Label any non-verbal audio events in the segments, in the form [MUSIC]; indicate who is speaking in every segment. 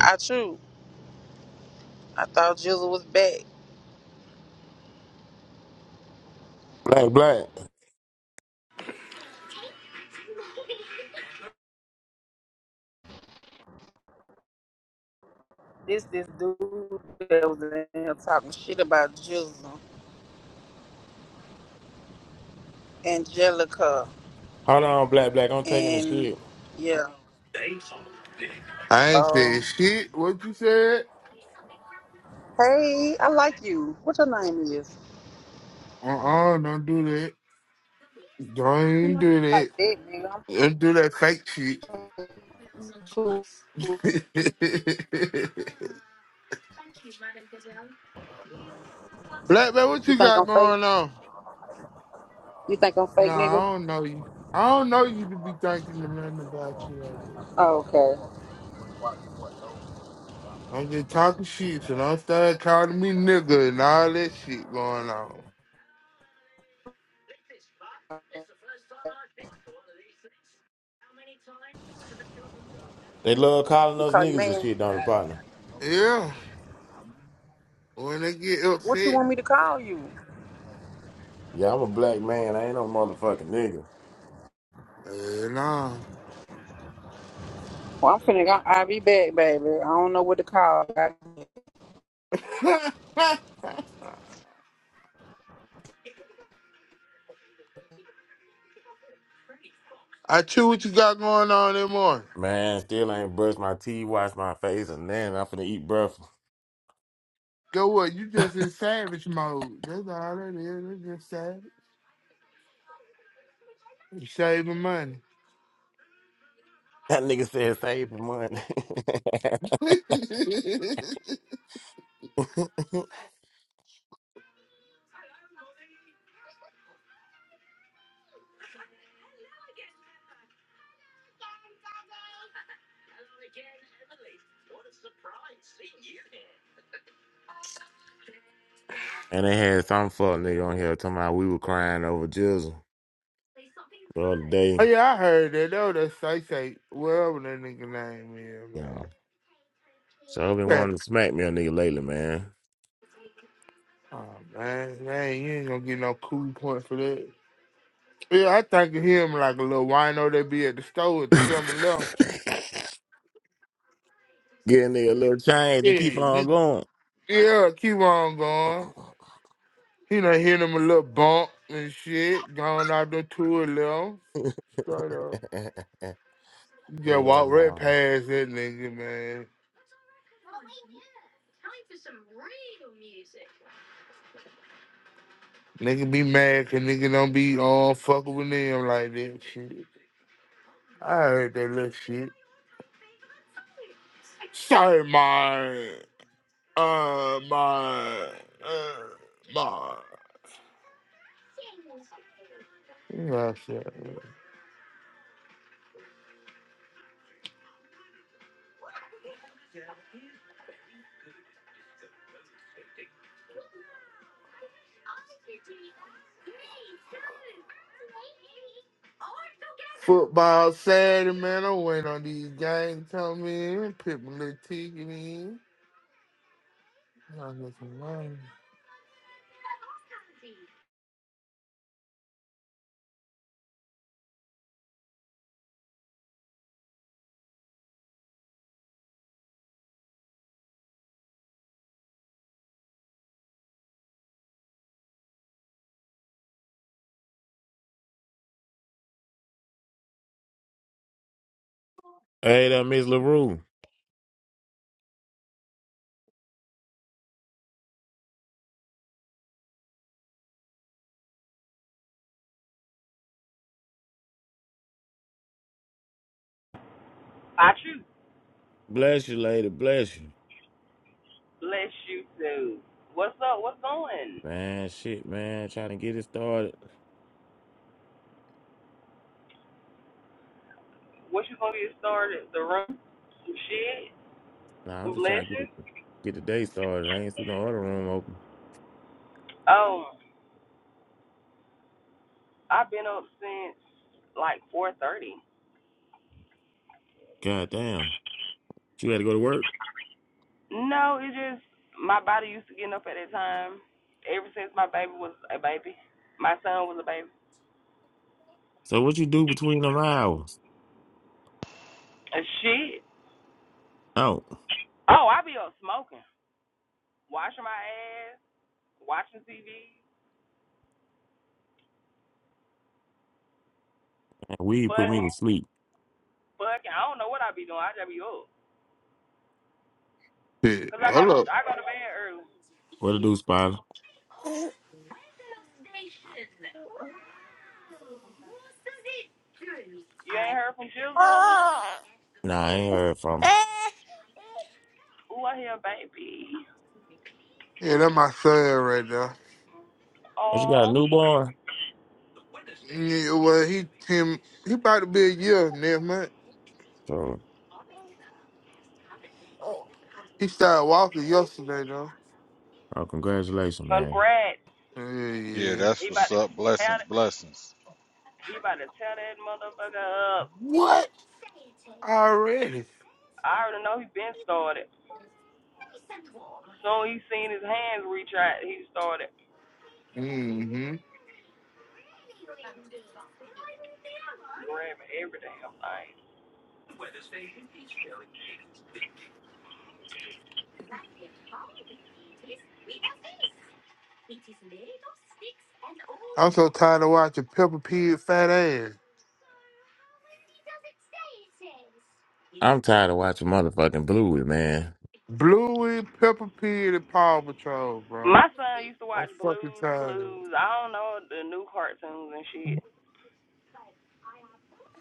Speaker 1: I true. I thought Jizzle was back.
Speaker 2: Black, black.
Speaker 1: This this dude that was in here talking shit about Jizzle, Angelica,
Speaker 2: Hold on, black, black. I'm taking the
Speaker 1: and
Speaker 2: shit.
Speaker 1: yeah.
Speaker 3: I ain't
Speaker 1: Oh,
Speaker 3: said shit. What you said?
Speaker 1: hey, I like you. What your name is?
Speaker 3: Uh uh-uh, uh, do not do that. Don't
Speaker 1: I
Speaker 3: even
Speaker 1: Like
Speaker 3: do
Speaker 1: you like
Speaker 3: that.
Speaker 1: that, nigga.
Speaker 3: Don't do that fake shit.
Speaker 1: I'm cool.
Speaker 3: [LAUGHS] Black man, what
Speaker 1: You
Speaker 3: you
Speaker 1: think
Speaker 3: got
Speaker 1: I'm fake?
Speaker 3: going on?
Speaker 1: You think I'm fake,
Speaker 3: Nah,
Speaker 1: nigga?
Speaker 3: I don't know you. I don't know you to be thinking to nothing about you like that.
Speaker 1: Oh, okay.
Speaker 3: I'm just talking shit, so don't start calling me nigga and all that shit going on.
Speaker 2: They love calling
Speaker 1: You
Speaker 2: us
Speaker 1: call you
Speaker 2: niggas and
Speaker 1: man.
Speaker 2: shit, don't they, partner?
Speaker 3: Yeah, when they get
Speaker 1: What you
Speaker 3: upset,
Speaker 1: want me to call you?
Speaker 2: Yeah, I'm a black man. I ain't no motherfucking nigga.
Speaker 3: hell
Speaker 1: Well, I'm finna. I, I be back, baby. I don't know what to call.
Speaker 3: nah. [LAUGHS] I chew what you got going on in morning.
Speaker 2: Man, still ain't brushed my teeth, washed my face, and then I'm finna eat breakfast. [LAUGHS]
Speaker 3: Go what? You just in savage mode. That's all that is. It's just savage. You saving money.
Speaker 2: That nigga said save the money. [LAUGHS]
Speaker 3: [LAUGHS] oh
Speaker 2: and they had some fuck nigga on here talking about we were crying over Jizzle the other day.
Speaker 3: yeah, I heard that. That was that say say whatever that nigga name is, man.
Speaker 2: Yeah. So I've been
Speaker 3: That-
Speaker 2: wanting to smack me a nigga lately, man.
Speaker 3: Oh man, man, you ain't gonna get no cool point for that. Yeah, I think of him like a little wino that be at the store at
Speaker 2: [LAUGHS]
Speaker 3: the
Speaker 2: Get
Speaker 3: summer level.
Speaker 2: a nigga a little change and keep
Speaker 3: Yeah, nigga.
Speaker 2: on
Speaker 3: Yeah, keep on going.
Speaker 2: going.
Speaker 3: He done hit him a little bump and shit, gone out the two a little. Straight up.
Speaker 2: [LAUGHS] Hell
Speaker 3: Yeah, walk right
Speaker 2: no.
Speaker 3: past that nigga, man. Nigga be mad cause nigga don't be on fucking with them like that shit. I heard that little shit. Sorry, my, uh, my, uh, my. You know what I'm saying? Football Saturday, man. I went on these games come in, put my little ticket in. I got some money.
Speaker 2: Hey, that Miss LaRue.
Speaker 4: I should
Speaker 2: Bless you, lady. Bless you.
Speaker 4: bless you too. What's up? What's going?
Speaker 2: Man, shit, man. Trying to get it started.
Speaker 4: What you gonna get started? The room? Some shit?
Speaker 2: Nah, I'm
Speaker 4: Some
Speaker 2: just trying to get it,
Speaker 4: blessings?
Speaker 2: get the day started. I ain't see no other room open.
Speaker 4: Oh, I've been up since like four thirty.
Speaker 2: God damn. You had to go to work?
Speaker 4: No, it just my body used to getting up at that time. Ever since my baby was a baby, my son was a baby.
Speaker 2: So what you do between them hours?
Speaker 4: And shit.
Speaker 2: Oh,
Speaker 4: Oh, I be up smoking, washing my ass, watching TV,
Speaker 2: man, weed put me to
Speaker 4: fucking,
Speaker 2: sleep.
Speaker 4: fucking. I don't know what I be doing. I just be up.
Speaker 3: Shit.
Speaker 4: Cause I go
Speaker 3: Hold
Speaker 4: to
Speaker 3: up.
Speaker 4: I go to bed early.
Speaker 2: What to do, Spider?
Speaker 4: You ain't heard from Jizzle?
Speaker 2: Nah, I ain't heard from him.
Speaker 4: Ooh, I hear a baby.
Speaker 3: Yeah, that my son right now.
Speaker 2: But you got a
Speaker 4: Oh,
Speaker 2: newborn?
Speaker 3: Yeah, well, he him, he about to be a year next month.
Speaker 2: So,
Speaker 3: He started walking yesterday though.
Speaker 2: oh, congratulations, man.
Speaker 4: congrats.
Speaker 3: Yeah,
Speaker 5: Yeah,
Speaker 3: yeah.
Speaker 5: that's
Speaker 4: He about
Speaker 5: what's
Speaker 4: to
Speaker 5: up.
Speaker 4: tear
Speaker 5: Blessings, blessings.
Speaker 4: he about to tear that motherfucker up.
Speaker 3: What? Already?
Speaker 4: I already know he been started. Soon he seen his hands reach out, he started
Speaker 3: Mm-hmm.
Speaker 4: grabbing every damn thing.
Speaker 3: I'm so tired of watching Peppa Pig fat ass.
Speaker 2: I'm tired of watching motherfucking Bluey, man.
Speaker 3: Bluey, Peppa Pig, and Paw Patrol, bro.
Speaker 4: My son used to
Speaker 3: I'm
Speaker 4: watch
Speaker 3: fucking
Speaker 4: Blues
Speaker 3: tired of it.
Speaker 4: Clues. I don't know the new cartoons and shit.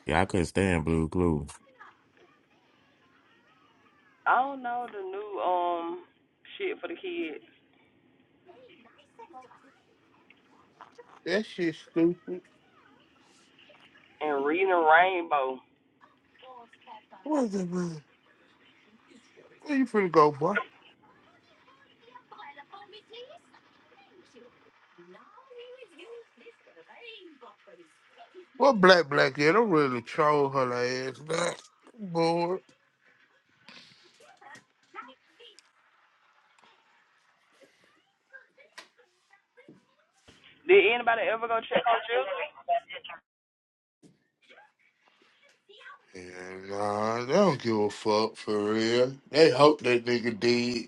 Speaker 2: Yeah, I couldn't stand Blue Clues.
Speaker 4: I don't know the new um shit for the kids
Speaker 3: That shit stupid.
Speaker 4: and reading Rainbow.
Speaker 3: What is it, man? Where you finna go, boy? Well, black black yeah, don't really troll her ass back. Bored.
Speaker 4: Did anybody ever go check on Jizzle?
Speaker 3: And nah, they don't give a fuck for real. They hope that nigga did.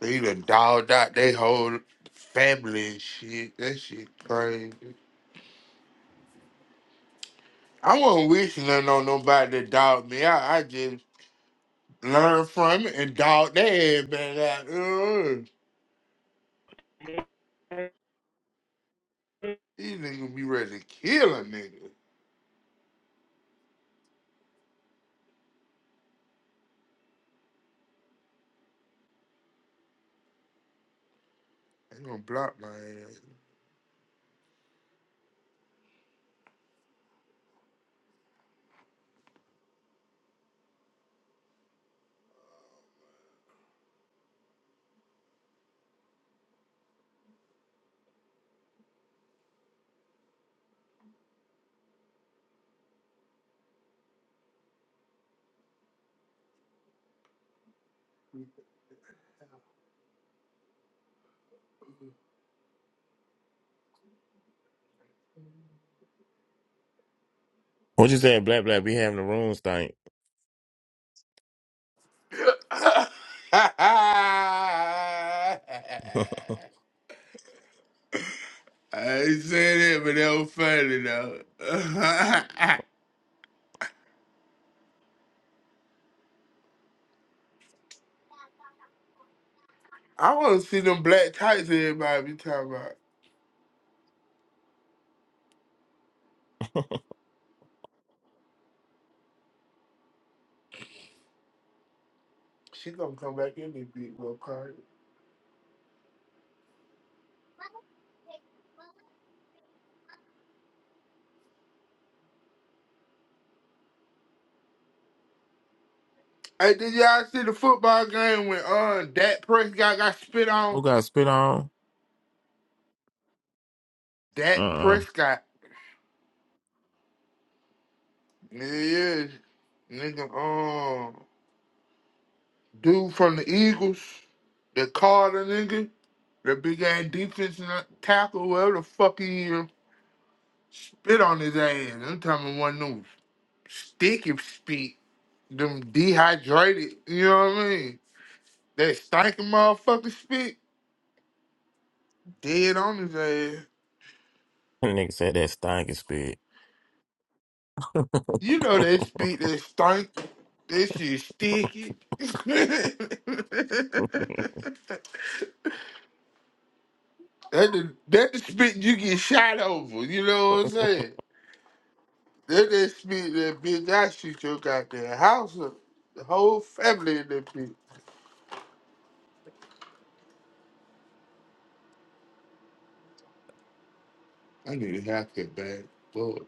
Speaker 3: They done dogged out they whole family and shit. That shit crazy. I wasn't wishing nothing on nobody that dogged me out. I just learned from it and dogged their ass back out. Ugh. These niggas be ready to kill a nigga. They gonna block my
Speaker 2: What you saying, Black Black? Be having the room stank.
Speaker 3: ass.
Speaker 2: [LAUGHS]
Speaker 3: [LAUGHS] I ain't saying that, but that was funny though. [LAUGHS] I want to see them black tights everybody be talking about. She gonna come back in this big little party. Hey, did y'all see the football game when uh Dak Prescott got spit on?
Speaker 2: Who got spit on?
Speaker 3: Dak
Speaker 2: Uh-uh.
Speaker 3: Prescott, yeah, nigga, um, dude from the Eagles, the Carter nigga, the big ass defense and tackle, whatever the fuck he is, spit on his ass. I'm talking about one news. Sticky spit, them dehydrated, you know what I mean? That stinking motherfucker spit, dead on his ass.
Speaker 2: [LAUGHS] Nigga said that stank is spit. [LAUGHS]
Speaker 3: You know that spit that stink, that shit sticky. [LAUGHS] that, the, that the spit you get shot over, you know what I'm saying? That that spit that bitch I shoot your goddamn house up. The whole family in that bitch. I need a haircut, bad Lord.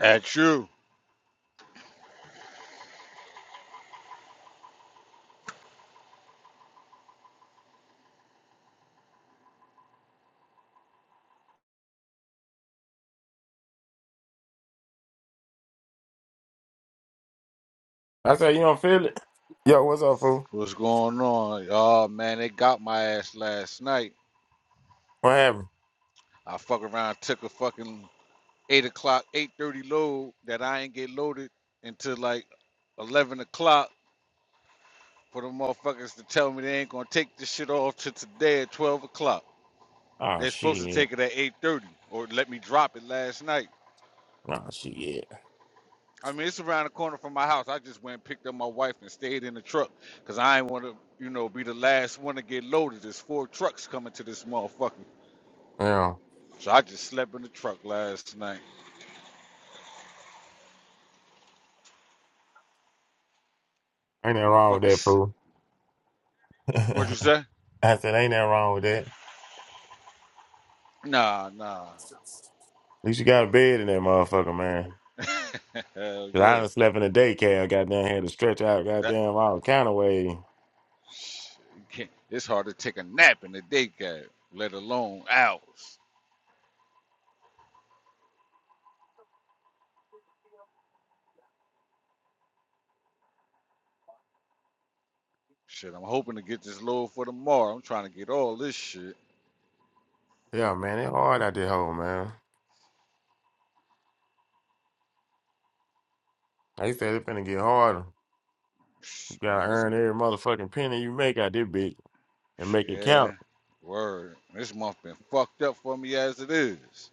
Speaker 5: Ask you,
Speaker 2: I said, you don't feel it? Yo, what's up, fool?
Speaker 5: what's going on? Oh man, they got my ass last night.
Speaker 2: What happened?
Speaker 5: I fuck around, took a fucking eight o'clock, eight thirty load that I ain't get loaded until like eleven o'clock for the motherfuckers to tell me they ain't gonna take this shit off till today at twelve o'clock.
Speaker 2: Oh
Speaker 5: They're supposed to
Speaker 2: shit.
Speaker 5: take it at eight thirty or let me drop it last night.
Speaker 2: Oh shit.
Speaker 5: I mean, it's around the corner from my house. I just went and picked up my wife and stayed in the truck because I ain't want to, you know, be the last one to get loaded. There's four trucks coming to this motherfucker.
Speaker 2: Yeah,
Speaker 5: So I just slept in the truck last night.
Speaker 2: ain't nothing wrong with that,
Speaker 5: Motherfuckers,
Speaker 2: fool.
Speaker 5: what'd you
Speaker 2: [LAUGHS]
Speaker 5: say?
Speaker 2: I said ain't nothing wrong with that.
Speaker 5: Nah, nah.
Speaker 2: At least you got a bed in that motherfucker, man.
Speaker 5: [LAUGHS] Hell
Speaker 2: Cause I
Speaker 5: yeah.
Speaker 2: done slept in the daycare, goddamn had to stretch out
Speaker 5: That,
Speaker 2: goddamn all kind of way.
Speaker 5: you can't, it's hard to take a nap in the day cab, let alone hours. Shit, I'm hoping to get this load for tomorrow. I'm trying to get all this shit.
Speaker 2: Yeah, man, it hard out there, hole, man. They said it finna get harder. gotta
Speaker 5: Man, this
Speaker 2: earn every motherfucking penny you make out this bitch and make it count.
Speaker 5: Yeah, word. This month been fucked up for me as it is.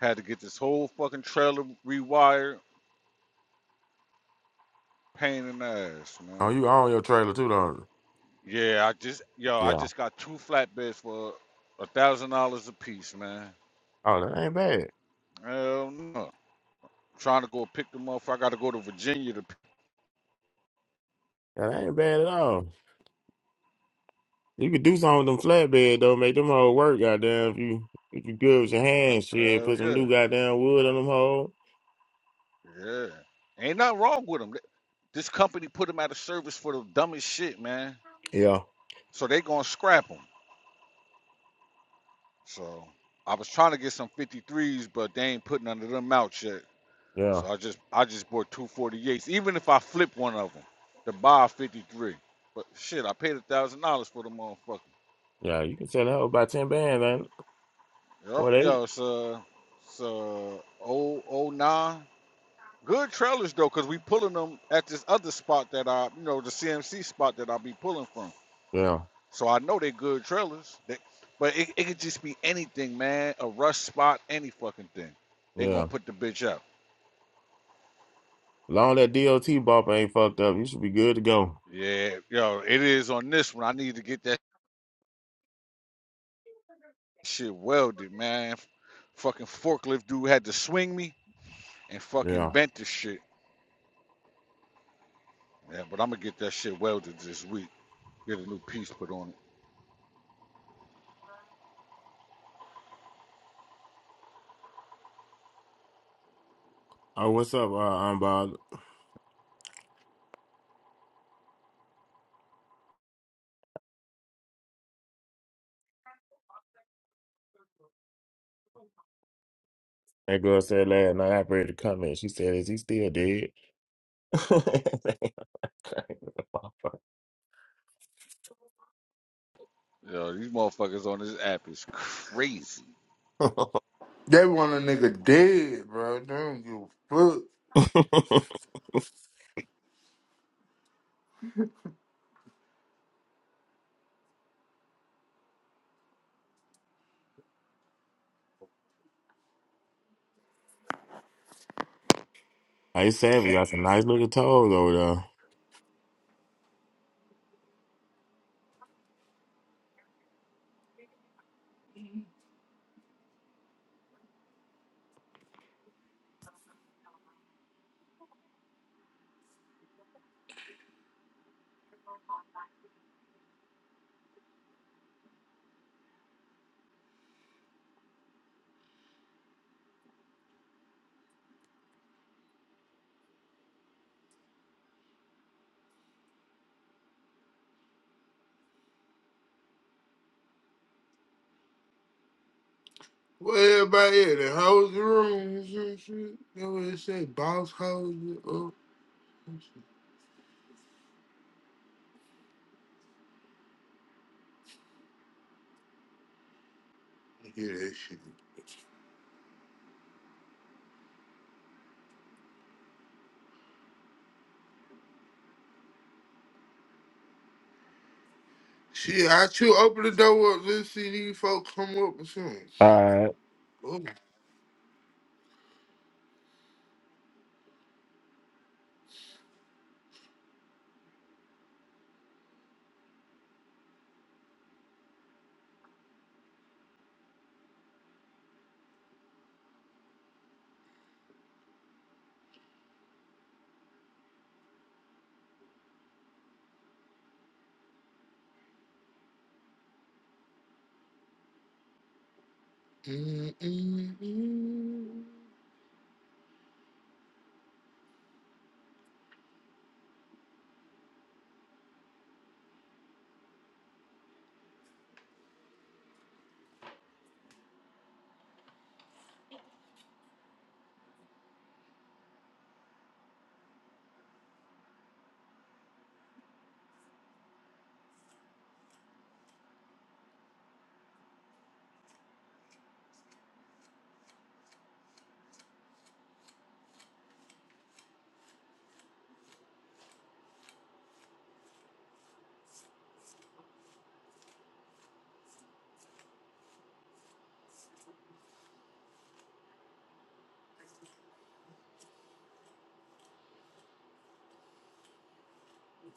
Speaker 5: Had to get this whole fucking trailer rewired. Pain in the ass,
Speaker 2: Oh,
Speaker 5: man.
Speaker 2: you own your trailer too, don't
Speaker 5: Yeah, I just yo,
Speaker 2: you?
Speaker 5: I
Speaker 2: Yeah.
Speaker 5: just got two flatbeds for a thousand dollars a piece, man.
Speaker 2: Oh, that ain't bad.
Speaker 5: Hell no. Trying to go pick them up. I got to go to Virginia to.
Speaker 2: That ain't bad at all. You could do something with them flatbed though, make them hoes work, goddamn. If you if you good with your hands,
Speaker 5: Pick,
Speaker 2: shit,
Speaker 5: hell
Speaker 2: put some
Speaker 5: yeah,
Speaker 2: new goddamn wood on them hoes.
Speaker 5: yeah. Ain't nothing wrong with them. This company put them out of service for the dumbest shit, man.
Speaker 2: Yeah.
Speaker 5: So they gonna scrap scrap them. So I was trying to get some 53s, but they ain't put none of them out yet.
Speaker 2: Yeah.
Speaker 5: So I just I just bought two 48s. Even if I flip one of them to buy a 53, but shit, I paid a thousand dollars for the motherfucker.
Speaker 2: Yeah. You can sell that hoe about ten bands, man.
Speaker 5: Yo,
Speaker 2: What
Speaker 5: yo,
Speaker 2: eight?
Speaker 5: it's uh, it's uh, oh oh nine. Good trailers though, cause we pulling them at this other spot that I, you know, the CMC spot that I be pulling from.
Speaker 2: Yeah.
Speaker 5: So I know they good trailers. They, but it, it could just be anything, man. A rush spot, any fucking thing. They gonna
Speaker 2: Yeah.
Speaker 5: put the bitch out.
Speaker 2: Long that DOT bumper ain't fucked up, you should be good to go.
Speaker 5: Yeah, yo, it is on this one. I need to get that shit welded, man. F- Fucking forklift dude had to swing me and fucking
Speaker 2: Yeah.
Speaker 5: bent the shit. Yeah, but I'm gonna get that shit welded this week. Get a new piece put on
Speaker 2: Oh, what's up, uh, I'm Bob? That girl said last night, I read the comment. She said, "Is he still dead?" [LAUGHS]
Speaker 5: it. Yo, these motherfuckers on this app is crazy.
Speaker 3: They want a nigga dead, bro. They don't give a fuck.
Speaker 2: Like you said, we got some nice looking toes over there.
Speaker 3: Well, everybody in the house rooms and shit. shit. They always say boss hoes you up. and shit. You Hear that shit. Shit, I chew open the door up. Let's see these folks come up and shit.
Speaker 2: Alright.
Speaker 3: Oh. Mm, mm, mm.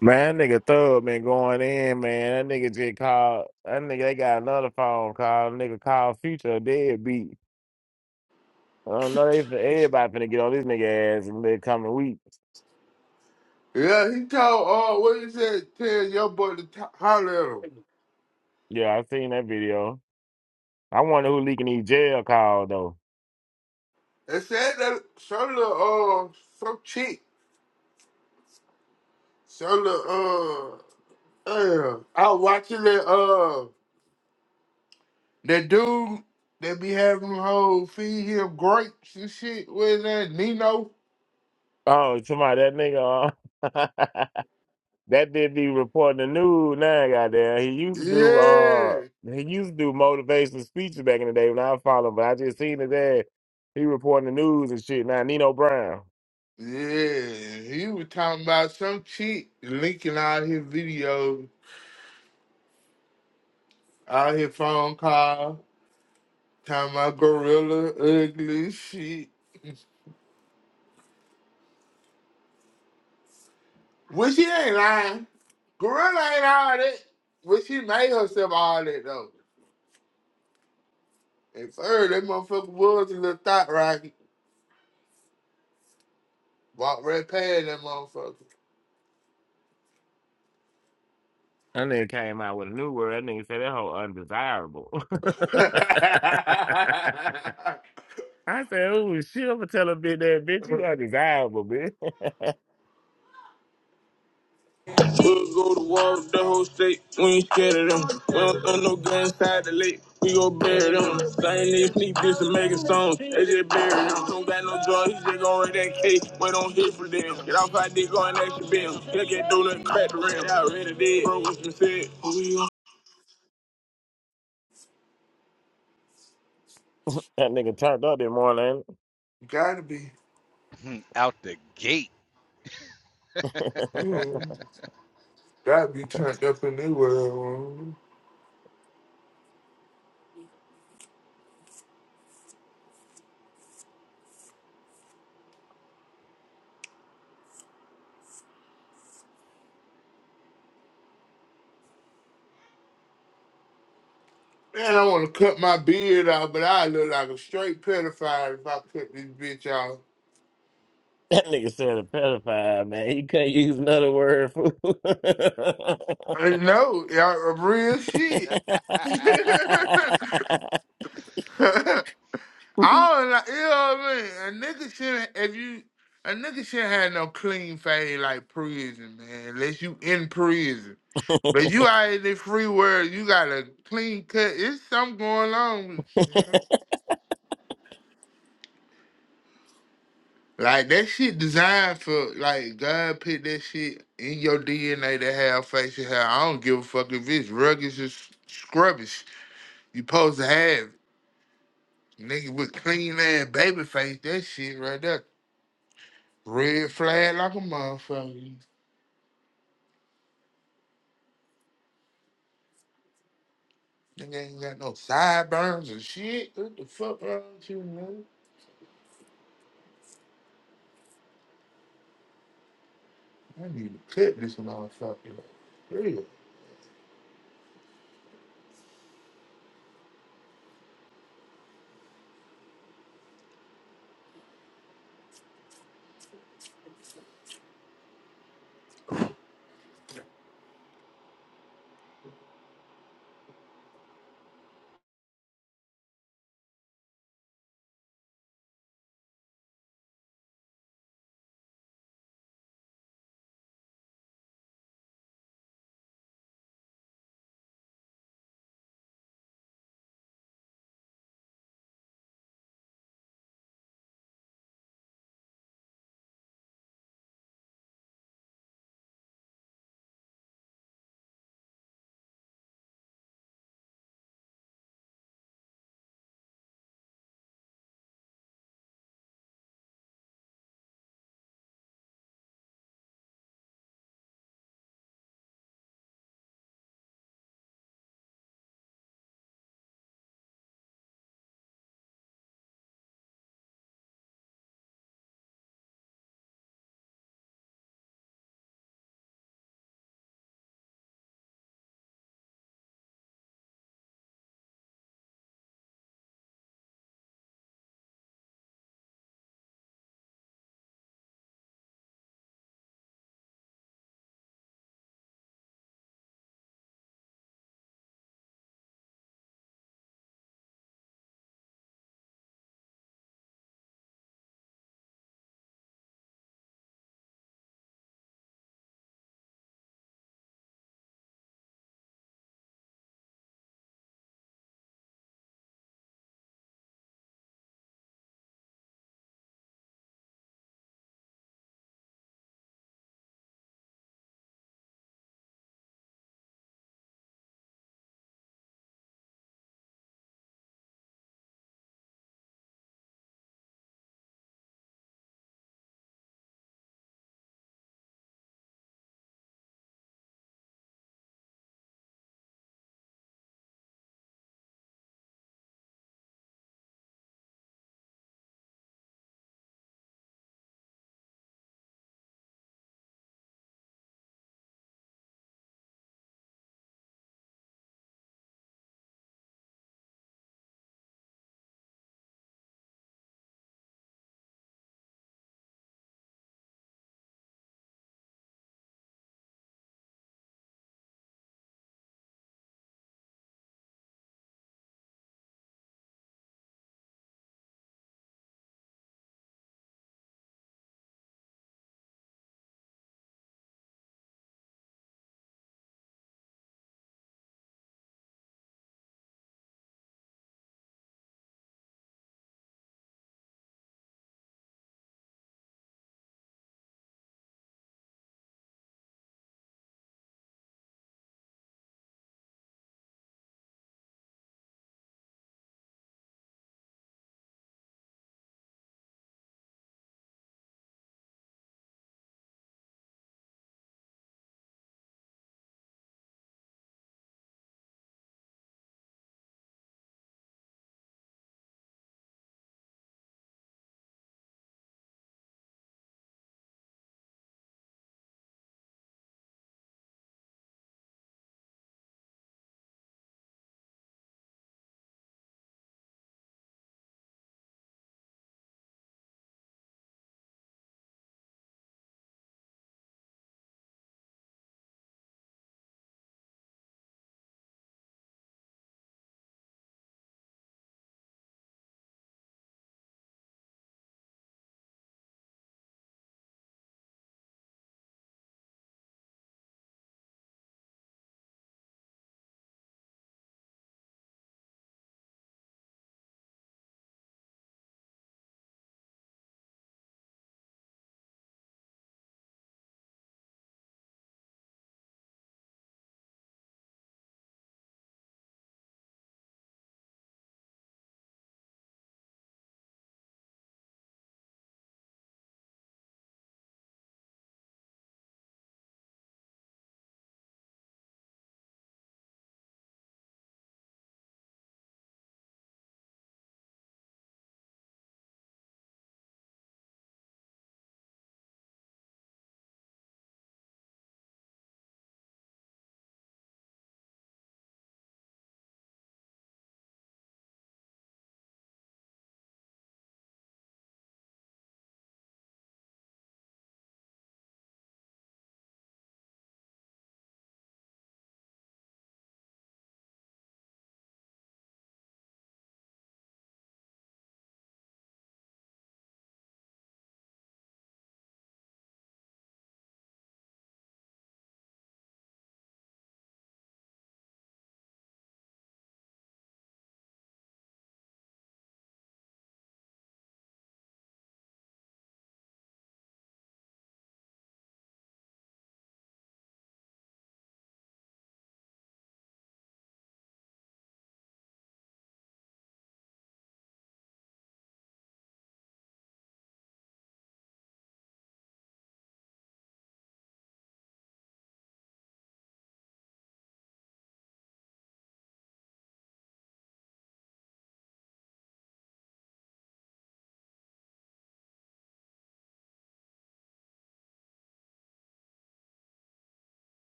Speaker 2: Man, that nigga Thug been going in, man. That nigga just called. That nigga, they got another phone call. Nigga called Future deadbeat. I don't know. They, everybody finna get on this nigga ass in the coming week.
Speaker 3: Yeah, he told, uh, what he said, tell your boy to t- holler at him.
Speaker 2: Yeah, I seen that video. I wonder who leaking these jail calls though.
Speaker 3: And said that some little, uh, some chick, some little, uh, uh, I was watching that, uh, That dude that be having them whole feed him grapes and shit. Where's that Nino?
Speaker 2: Oh, somebody that nigga. uh, [LAUGHS] That did be reporting the news now, goddamn. He used to do uh
Speaker 3: Yeah,
Speaker 2: he used to do motivational speeches back in the day when I followed him, but I just seen his ass. He reporting the news and shit. Now Nino Brown.
Speaker 3: yeah. He was talking about some chick linking out his videos, out his phone call, talking about gorilla ugly as shit. Which he ain't lying. Gorilla ain't all that. But she made herself all that though. And third, that motherfucker was a little thought rocket. Walked right past that motherfucker.
Speaker 2: That nigga came out with a new word. That nigga said that whole undesirable. [LAUGHS]
Speaker 3: [LAUGHS] Gotta
Speaker 2: I said, oh shit, I'ma tell a bitch that bitch, you undesirable, bitch. [LAUGHS] that
Speaker 6: We'll go to war with the whole state. We ain't scared of them. We don't throw no guns inside the lake. We gon' bury them. Same niggas sneak this and making songs. They just bury them. Don't got no joy. He just gon' rip that cake. We don't hit for them. Get off our dick, go and action bill. Look at do nothing crack the rim. Y'all ready dead. Bro, what's been said? Who we
Speaker 2: nigga turned up that morning.
Speaker 3: be.
Speaker 5: [LAUGHS] Out the gate.
Speaker 2: [LAUGHS]
Speaker 3: Mhm. Gotta be turned up in this world. mhm. Man, I want to cut my beard off, but I look like a straight pedophile if I cut this bitch off.
Speaker 2: that nigga said a pedophile, man. He couldn't use another word fool. [LAUGHS]
Speaker 3: I know, y'all, real shit. [LAUGHS] I
Speaker 5: [LAUGHS]
Speaker 2: Amen.
Speaker 3: don't like, you know what I mean? A nigga shouldn't, if you, a nigga shouldn't have no clean fade like prison, man, unless you in prison. But you out in the free world, you got a clean cut. It's something going on. with you, man. Like that shit designed for like God put that shit in your DNA to have facial hair. I don't give a fuck if it's rugged or s- scrubbish. You supposed to have it. nigga with clean ass baby face. That shit right there, red flag like a motherfucker. Nigga ain't got no sideburns or shit. What the fuck wrong with you, man? I need to cut this motherfucker. Like, real.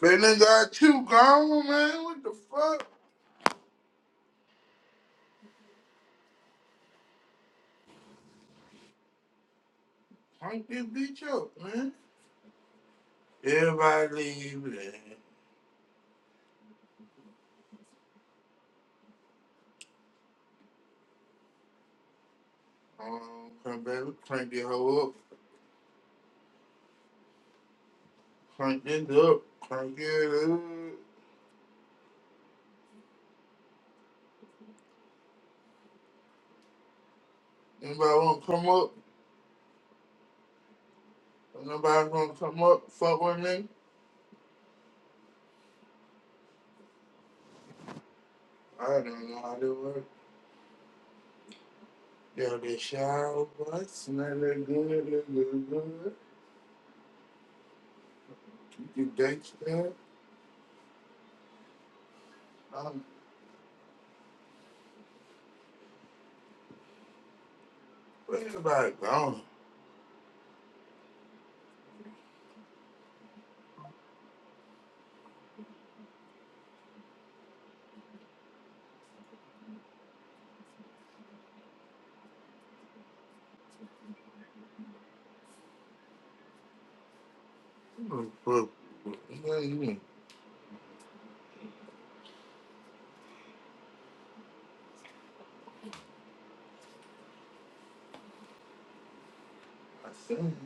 Speaker 3: That nigga got two gone, man. What the fuck? Punk this bitch up, man. Everybody leave, man. Um, come back, we crank this hoe up, crank this up, crank it up. Anybody wanna come up? Nobody wanna come up? Fuck with me? I don't know how to work. Yeah, they shower, boy. Smell it good, it good, good. You can gangsta. Um, where everybody gone? Who the fuck- who the- who the- I see.